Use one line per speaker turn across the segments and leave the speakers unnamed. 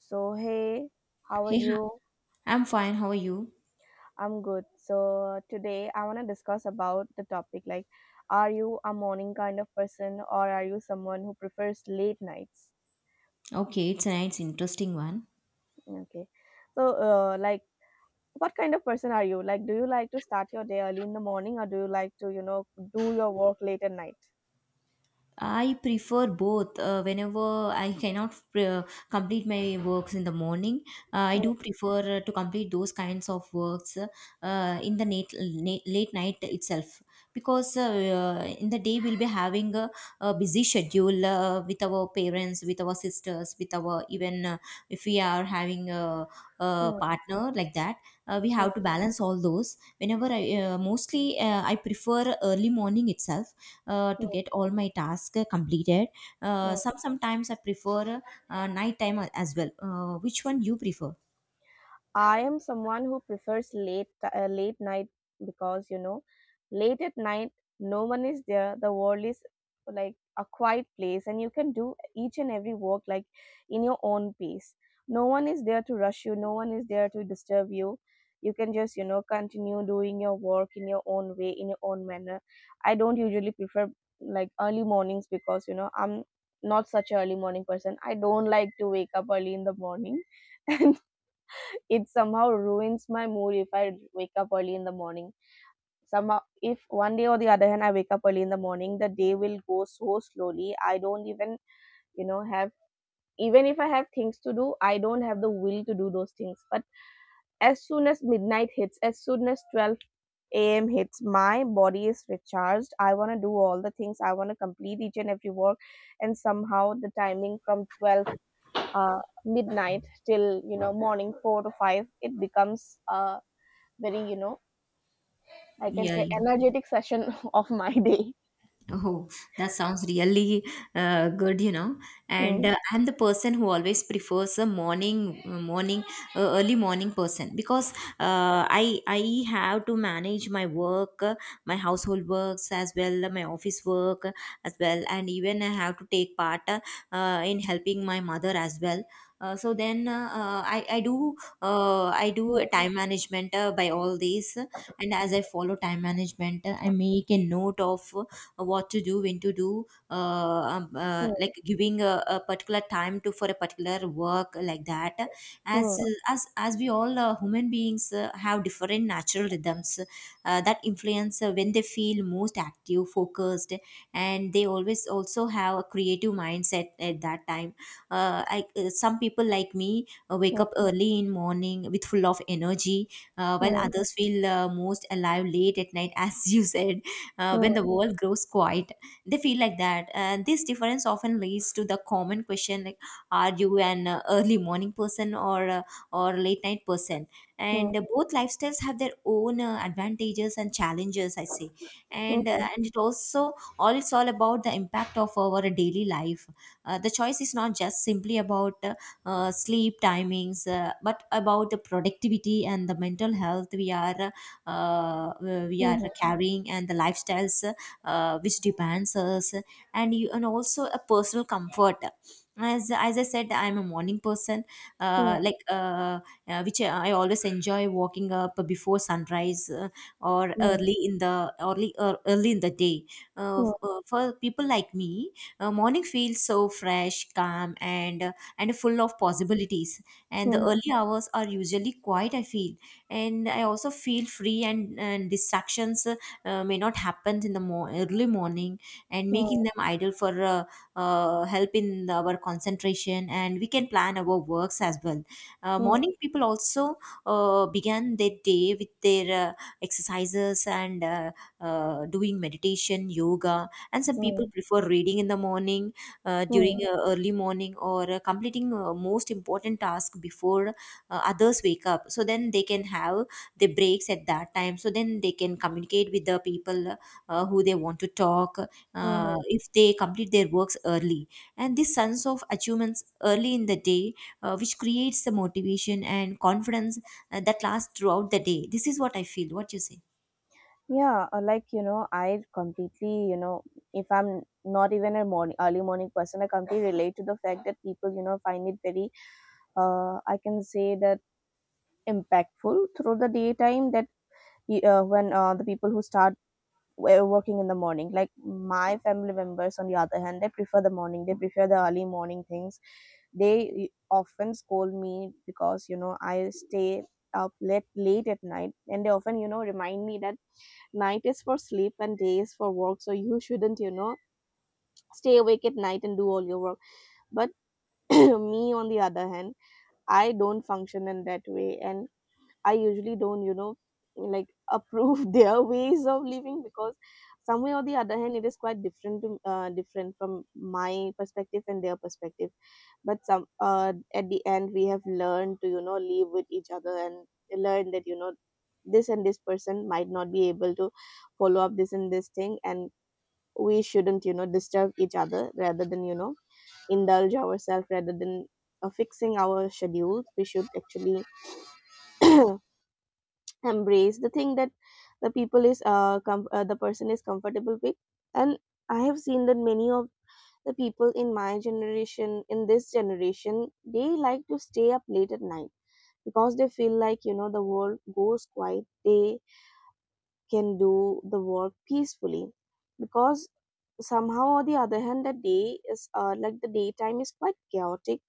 So, hey, how are
Hey, hi.
you?
I'm fine. How are you?
I'm good. So, today I want to discuss about the topic like, are you a morning kind of person or are you someone who prefers late nights?
Okay, it's a nice, interesting one.
Okay. So, what kind of person are you? Like, do you like to start your day early in the morning or do you like to, do your work late at night?
I prefer both. Whenever I cannot complete my works in the morning, I
Mm,
do prefer to complete those kinds of works in the late night itself because in the day we'll be having a busy schedule with our parents, with our sisters, with our even if we are having a
mm,
partner like that, we have to
mm,
balance all those. Whenever I mostly I prefer early morning itself to
mm,
get all my tasks completed.
mm.
Sometimes I prefer night time as well. Which one you prefer?
I am someone who prefers late night because you know late at night no one is there, the world is like a quiet place, and you can do each and every work like in your own pace. No one is there to rush you, no one is there to disturb you. You can just, you know, continue doing your work in your own way, in your own manner. I don't usually prefer like early mornings because you know I'm not such an early morning person. I don't like to wake up early in the morning. It somehow ruins my mood if I wake up early in the morning. Somehow, if one day or the other hand I wake up early in the morning, the day will go so slowly. I don't even, you know, have, even if I have things to do, I don't have the will to do those things. But as soon as midnight hits, as soon as 12 a.m. hits, my body is recharged. I want to do all the things. I want to complete each and every work. And somehow the timing from 12 uh, midnight till, you know, morning 4 to 5, it becomes, very, you know, I can
Yeah.
say, energetic session of my day.
Oh, that sounds really good. And
Mm,
I'm the person who always prefers a early morning person because I have to manage my work, my household works as well, my office work as well, and even I have to take part in helping my mother as well. So then I do a
mm,
time management by all these, and as I follow time management I make a note of what to do, when to do,
mm,
like, giving a particular time to for a particular work like that. As
mm,
as we all human beings have different natural rhythms that influence when they feel most active, focused, and they always also have a creative mindset at that time. Some people like me wake up early in morning with full of energy, while
mm,
others feel most alive late at night, as you said, when the
mm,
world grows quiet, they feel like that. And this difference often leads to the common question, like, are you an early morning person or late night person?
mm, mm,
And both lifestyles have their own advantages and challenges, I say. and uh,
mhm,
and it also all it's all about the impact of our daily life. The choice is not just simply about sleep timings, but about the productivity and the mental health uh, we are
mhm,
carrying, and the lifestyles which demands us, and you, and also a personal comfort. As I said, I'm a morning person, uh,
mm,
like uh, which I always enjoy walking up before sunrise, or
mm,
early in the day.
mm,
For people like me, morning feels so fresh, calm, and full of possibilities. And
mhm,
the
mm,
early hours are usually quiet, I feel. And I also feel free, and distractions may not happen in the early morning, and making them idle for help in our concentration, and we can plan our works as well.
mm,
Morning people also began their day with their exercises and doing meditation, yoga, and some people
mm,
prefer reading in the morning during
mm,
early morning, or completing most important task before others wake up, so then they can have the breaks at that time, so then they can communicate with the people who they want to talk
mhm.
if they complete their works early. And this sense of achievements early in the day which creates the motivation and confidence that lasts throughout the day. This is what I feel, what you say?
Yeah, like, you know, I completely you know if I'm not even a morning, early morning person. I completely relate to the fact that people, you know, find it very, I can say that, impactful through the daytime. That y- when The people who start we're working in the morning, like my family members, on the other hand, they prefer the morning, they prefer the early morning things. They often scold me because, you know, I stay up late at night, and they often, you know, remind me that night is for sleep and day is for work, so you shouldn't, you know, stay awake at night and do all your work. But me, on the other hand, I don't function in that way. And I usually don't, you know, like, approve their ways of living because some way or the other hand, it is quite different to different from my perspective and their perspective. But some at the end, we have learned to, you know, live with each other and learn that, you know, this and this person might not be able to follow up this and this thing, and we shouldn't, you know, disturb each other. Rather than, you know, indulge ourselves, rather than, fixing our schedules, we should actually embrace the thing that the person is comfortable with. And I have seen that many of the people in my generation, in this generation, they like to stay up late at night because they feel like, you know, the world goes quiet, they can do the work peacefully. Because somehow or the other hand, the day is, like the daytime is quite chaotic,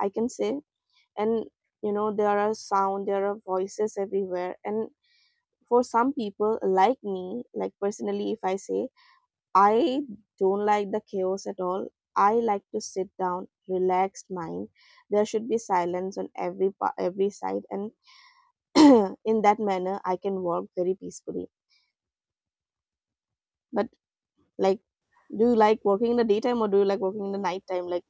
I can say. And you know, there are sound, there are voices everywhere, and for some people like me, like personally, if I say, I don't like the chaos at all. I like to sit down, relaxed mind, there should be silence on every every side, and in that manner I can work very peacefully. But like, do you like working in the daytime or do you like working in the nighttime, like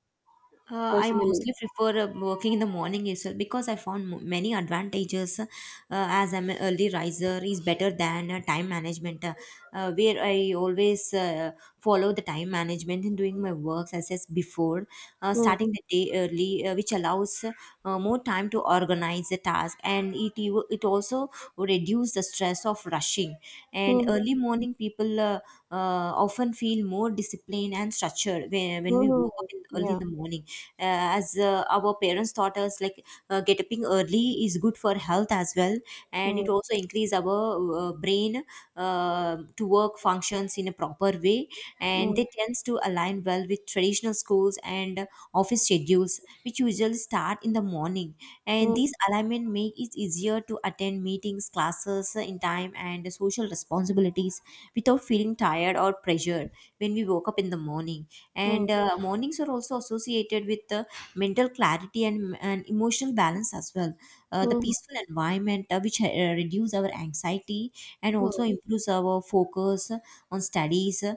I
personally?
mostly prefer working in the morning itself, because I found many advantages. As I'm an early riser, is better than time management, where I always follow the time management in doing my works as before,
Hmm.
starting the day early, which allows more time to organize the task, and it also reduce the stress of rushing. And
Hmm.
early morning people often feel more disciplined and structured when,
Hmm.
when we
Hmm.
woke up in,
hmm.
early in
yeah
the morning. As our parents taught us, like, getting early is good for health as well. And
Hmm.
it also increase our brain to work functions in a proper way. And
Hmm.
they tends to align well with traditional schools and office schedules, which usually start in the morning. And
Hmm.
these alignment make it easier to attend meetings, classes in time, and social responsibilities without feeling tired or pressured when we woke up in the morning. And mornings are also associated with mental clarity and emotional balance as well. The
Hmm.
peaceful environment which reduce our anxiety, and
Hmm.
also improves our focus on studies, uh,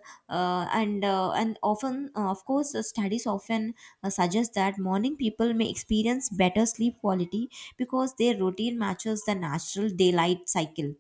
and uh, and often, of course, studies often suggest that morning people may experience better sleep quality, because their routine matches the natural daylight cycle.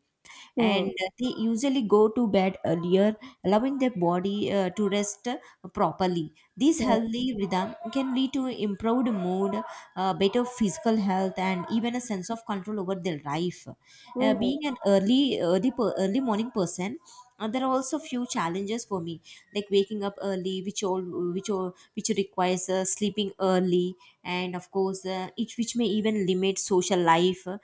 Hmm.
And they usually go to bed earlier, allowing their body to rest properly. This
Hmm.
healthy rhythm can lead to improved mood, better physical health, and even a sense of control over their life.
Hmm. Hmm.
Being an early morning person, there are also few challenges for me, like waking up early, which all which requires sleeping early, and of course it which may even limit social life,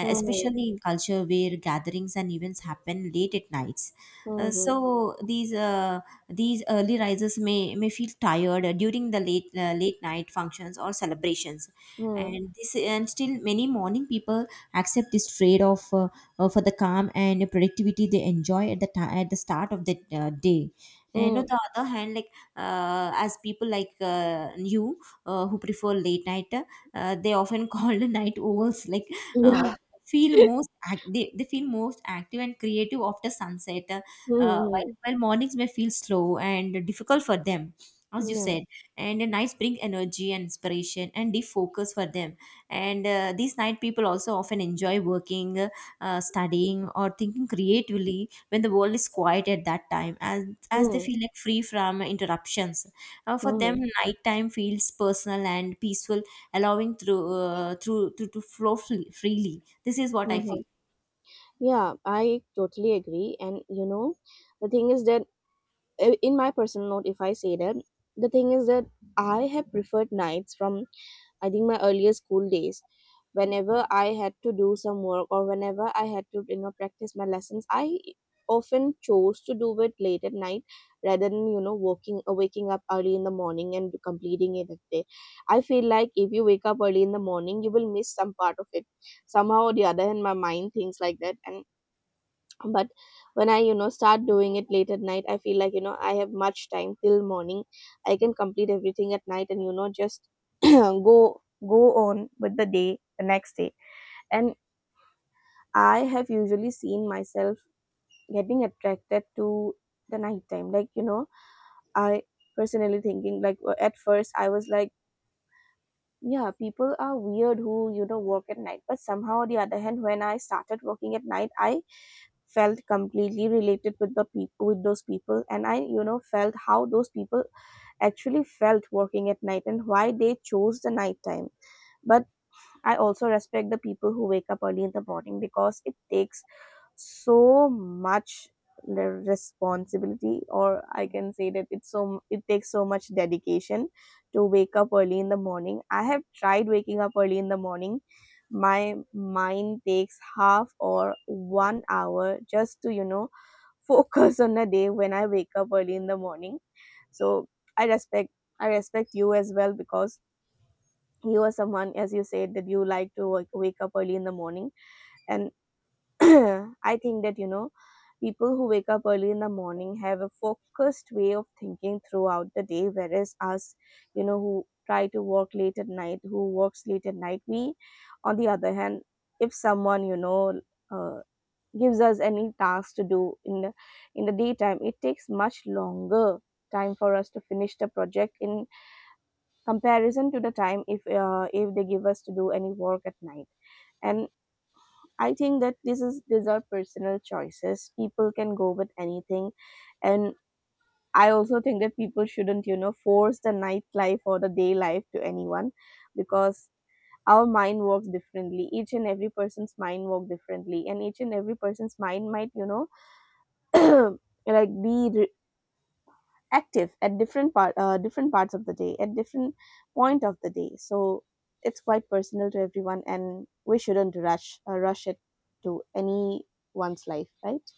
Hmm. Hmm.
in culture where gatherings and events happen late at nights. uh,
Hmm. Hmm.
so these uh, these early risers may feel tired during the late night functions or celebrations.
hmm,
And still many morning people accept this trade off for the calm and productivity they enjoy at the start of the day. And on
hmm.
the other hand, like, as people like you who prefer late night, they often called night owls, like, uh,
Yeah.
feel most they feel most active and creative after sunset. While,
Mm-hmm.
while mornings may feel slow and difficult for them, as you
Yeah.
said. And the nights bring energy and inspiration and deep focus for them. And these night people also often enjoy working, studying, or thinking creatively when the world is quiet at that time, as they
Mm.
feel like free from interruptions. For
hmm yeah
them,
mm
nighttime feels personal and peaceful, allowing through through to flow freely. This is what I
Mm-hmm.
feel.
Yeah, I totally agree. And you know, the thing is that, in my personal note, if I say that, the thing is that I have preferred nights from, I think, my earlier school days. Whenever I had to do some work or whenever I had to, you know, practice my lessons, I often chose to do it late at night rather than, you know, working waking up early in the morning and completing it at day. I feel like if you wake up early in the morning, you will miss some part of it. Somehow or the other hand, my mind thinks like that. And but when I, you know, start doing it late at night, I feel like, you know, I have much time till morning. I can complete everything at night and, you know, just go on with the day the next day. And I have usually seen myself getting attracted to the nighttime, like, you know. I personally thinking like, at first I was like, yeah, people are weird who, you know, work at night. But somehow or the other hand, when I started working at night, I felt completely related with the people with those people, and I, you know, felt how those people actually felt working at night and why they chose the night time. But I also respect the people who wake up early in the morning because it takes so much, the responsibility, or I can say that it's so, it takes so much dedication to wake up early in the morning. I have tried waking up early in the morning. My mind takes half or 1 hour just to, you know, focus on a day when I wake up early in the morning. So, I respect I respect you as well because you are someone, as you said, that you like to wake up early in the morning. And I think that, you know, people who wake up early in the morning have a focused way of thinking throughout the day, whereas us, you know, who works late at night, we, on the other hand, if someone, you know, uh, gives us any task to do in the, in the daytime, it takes much longer time for us to finish the project in comparison to the time if, if they give us to do any work at night. And I think that this is, these are personal choices, people can go with anything. And I also think that people shouldn't, you know, force the nightlife or the day life to anyone because our mind works differently, each and every person's mind work differently, and each and every person's mind might, you know, like, be active at different part different parts of the day, at different point of the day. So, it's quite personal to everyone, and we shouldn't rush it to anyone's life, right?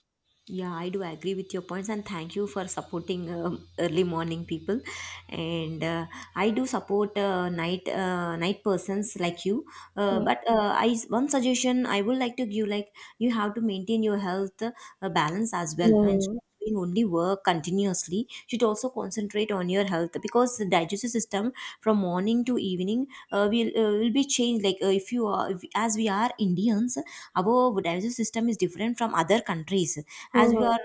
Yeah, I do agree with your points, and thank you for supporting early morning people. And I do support night persons like you.
Hmm.
But I one suggestion I would like to give, like, you have to maintain your health balance as well. And
Hmm.
doing only work continuously, you should also concentrate on your health, because the digestive system from morning to evening will be changed. Like, if you are if, as we are Indians, our digestive system is different from other countries. As we
Hmm.
are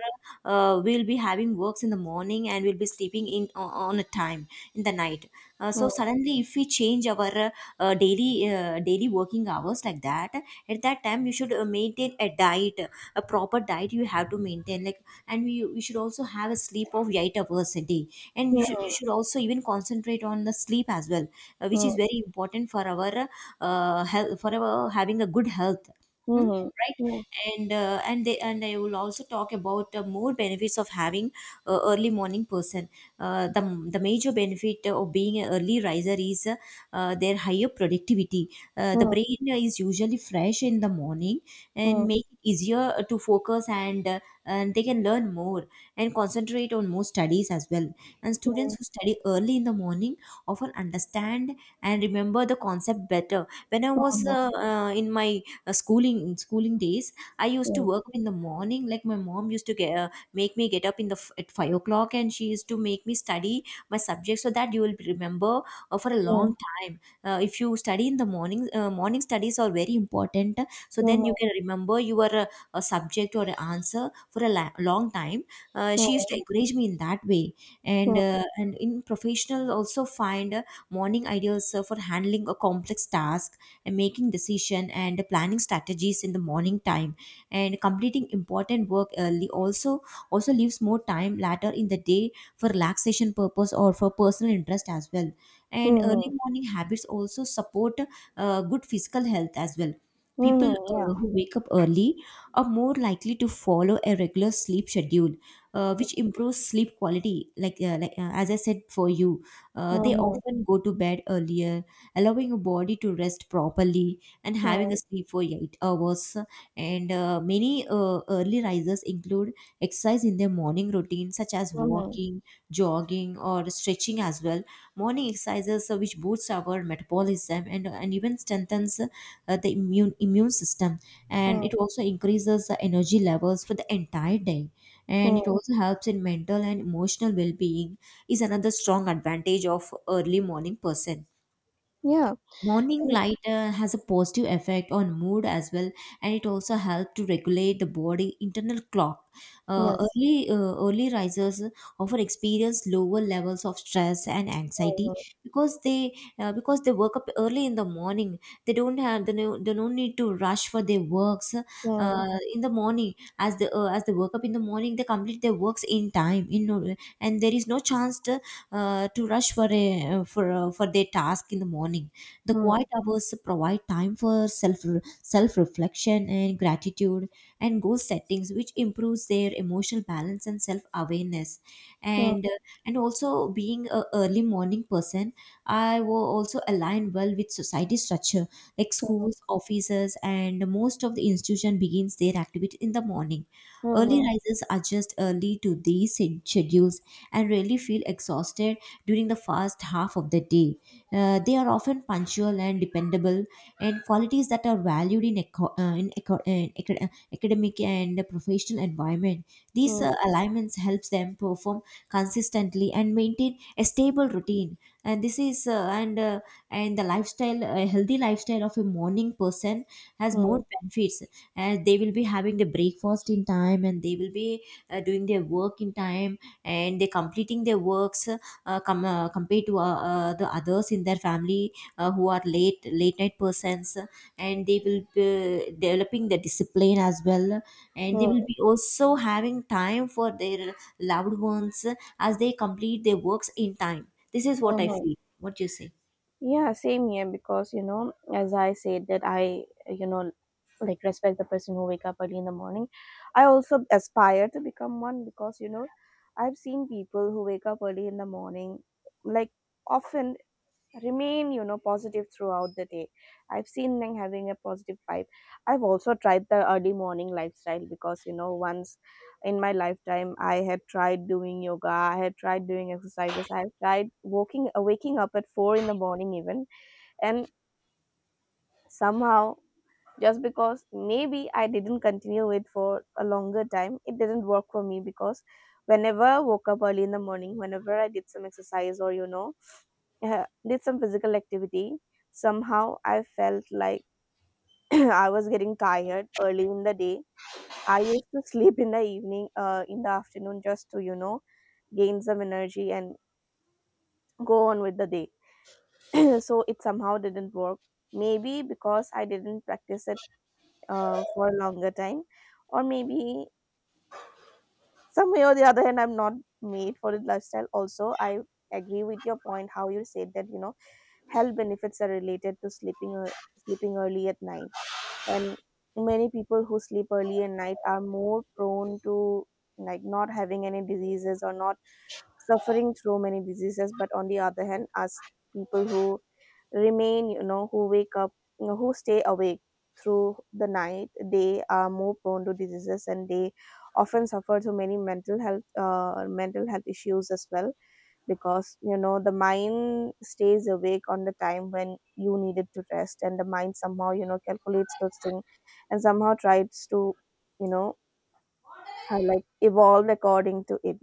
we'll be having works in the morning, and we'll be sleeping on a time in the night. So suddenly if we change our daily working hours like that, at that time you should maintain a diet, a proper diet you have to maintain, like, and we should also have a sleep of 8 hours a day. And you should, you
Hmm.
should also even concentrate on the sleep as well, which
Hmm.
is very important for our health, for our having a good health. Hmm?
Hmm.
Right.
Hmm.
And I will also talk about more benefits of having early morning person. Uh, the the major benefit of being an early riser is their higher productivity. The brain is usually fresh in the morning,
Hmm.
and make it easier to focus, and they can learn more and concentrate on more studies as well. And
Hmm.
students who study early in the morning often understand and remember the concept better. When I was
Hmm.
in my schooling days, I used to
Hmm.
work in the morning. Like, my mom used to make me get up in the at 5 o'clock, and she used to make me study my subject, so that you will remember for a
Hmm.
long time. If you study in the morning, morning studies are very important. So
Mhm.
then you can remember your a subject or an answer for a long time. She used to
Mhm.
encourage me in that way, and
Mm,
uh, and in professional also find morning ideals for handling a complex task and making decision and planning strategies in the morning time, and completing important work early also leaves more time later in the day for relaxation purpose or for personal interest as well. And
mhm,
early morning habits also support good physical health as well. People
mhm, Yeah.
who wake up early are more likely to follow a regular sleep schedule, which improves sleep quality like, as I said for you. They
Mhm,
often go to bed earlier, allowing your body to rest properly and having
Hmm.
a sleep for 8 hours. And many early risers include exercise in their morning routine, such as
mhm,
walking, jogging, or stretching as well. Morning exercises which boosts our metabolism, and even strengthens the immune system.
Hmm.
And it also increases the energy levels for the entire day. And it
mm,
also helps in mental and emotional well-being is another strong advantage of early morning person.
yeah,
Morning
mm,
light has a positive effect on mood as well, and it also helps to regulate the body internal clock.
yes.
Early risers often experience lower levels of stress and anxiety
Mhm,
because they work up early in the morning. They don't have they no, they don't need to rush for their works
Hmm.
in the morning. As the as they work up in the morning, they complete their works in time. In no, and there is no chance to rush for a for their task in the morning. The
Hmm.
quiet hours provide time for self reflection and gratitude and goal settings, which improves their emotional balance and self awareness.
mhm,
And uh, and also being a early morning person, I will also align well with society structure like schools, offices, and most of the institution begins their activity in the morning. Early
mhm,
risers adjust early to these schedules and rarely feel exhausted during the first half of the day. They are often punctual and dependable, and qualities that are valued in, eco- in, eco- in acad- academic and professional environment. These
Hmm.
alignments helps them perform consistently and maintain a stable routine. And this is and the lifestyle a healthy lifestyle of a morning person has
Hmm.
more benefits, as they will be having the breakfast in time and they will be doing their work in time, and they completing their works compared to the others in their family who are late night persons. And they will be developing the discipline as well, and they
Hmm.
will be also having time for their loved ones as they complete their works in time. This is what I
Mhm.
feel. What do you say?
Yeah, same here because, you know, as I said that I, you know, like, respect the person who wake up early in the morning. I also aspire to become one because, you know, I've seen people who wake up early in the morning, like, often remain, you know, positive throughout the day. I've seen them having a positive vibe. I've also tried the early morning lifestyle because, you know, once in my lifetime, I had tried doing yoga, I had tried doing exercises, I've tried waking up at 4 in the morning even. And somehow, just because maybe I didn't continue it for a longer time, it didn't work for me because whenever I woke up early in the morning, whenever I did some exercise or, you know, did some physical activity. Somehow I felt like I was getting tired early in the day. I used to sleep in the evening, in the afternoon, just to, you know, gain some energy and go on with the day. So it somehow didn't work. Maybe because I didn't practice it for a longer time, or maybe some way or the other hand, I'm not made for the lifestyle. Also, I agree with your point how you said that, you know, health benefits are related to sleeping early at night. And many people who sleep early at night are more prone to, like, not having any diseases or not suffering through many diseases. But on the other hand, us people who remain, you know, who stay awake through the night, they are more prone to diseases, and they often suffer through many mental health issues as well, because, you know, the mind stays awake on the time when you needed to rest, and the mind somehow, you know, calculates those things, and somehow tries to, you know, like, evolve according to it.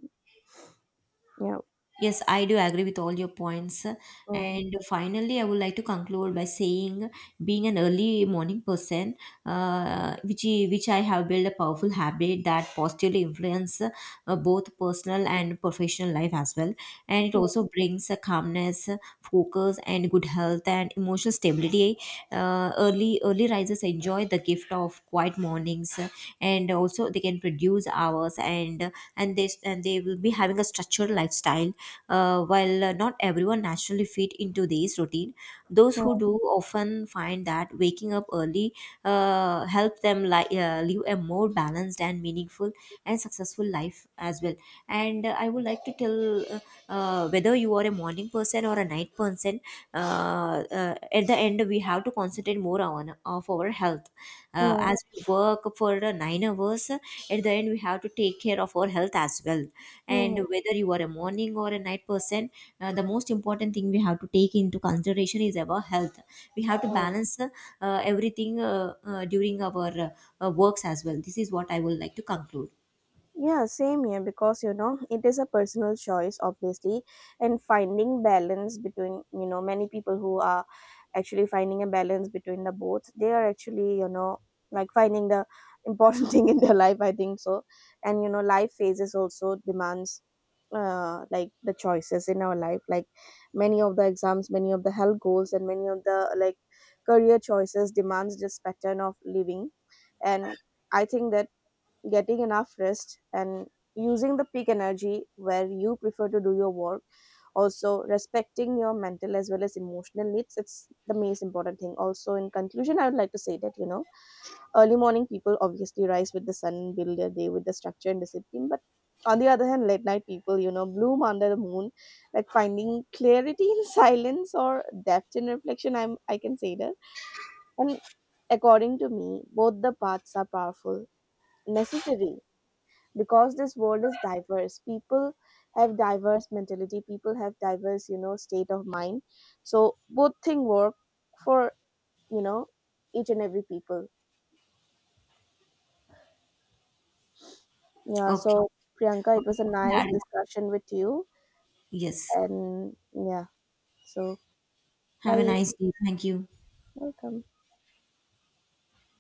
Yeah.
Yes, I do agree with all your points.
mm.
And finally, I would like to conclude by saying, being an early morning person, which I have built a powerful habit that positively influence both personal and professional life as well. And it
Mm,
also brings a calmness, focus, and good health and emotional stability. Early risers enjoy the gift of quiet mornings, and also they can produce hours, and they will be having a structured lifestyle. While not everyone naturally fit into this routine, those who
mm,
do often find that waking up early helps them live a more balanced and meaningful and successful life as well. And I would like to tell whether you are a morning person or a night person. At the end we have to concentrate more on of our health,
mm,
as we work for the 9 hours. At the end we have to take care of our health as well,
mm,
and whether you are a morning or a night person, the most important thing we have to take into consideration is our health. We have to
mm.
balance everything during our works as well. This is what I would like to conclude.
Yeah, same here because, you know, it is a personal choice, obviously, and finding balance between, you know, many people who are actually finding a balance between the both, they are actually, you know, like, finding the important thing in their life, I think so. And, you know, life phases also demands, like, the choices in our life, like many of the exams, many of the health goals, and many of the like career choices demands this pattern of living. And I think that getting enough rest and using the peak energy where you prefer to do your work, also respecting your mental as well as emotional needs, it's the most important thing. Also, in conclusion, I would like to say that, you know, early morning people obviously rise with the sun and build their day with the structure and discipline. But on the other hand, late night people, you know, bloom under the moon, like finding clarity in silence or depth in reflection, I can say that. And according to me, both the paths are powerful, necessary, because this world is diverse, people have diverse mentality, people have diverse, you know, state of mind. So, both thing work for, you know, each and every people. Yeah, so,
Okay.
Priyanka, it was a
Okay.
nice
Yeah,
discussion with you.
yes.
And yeah, so,
Have a
bye.
nice day. Thank you.
Welcome.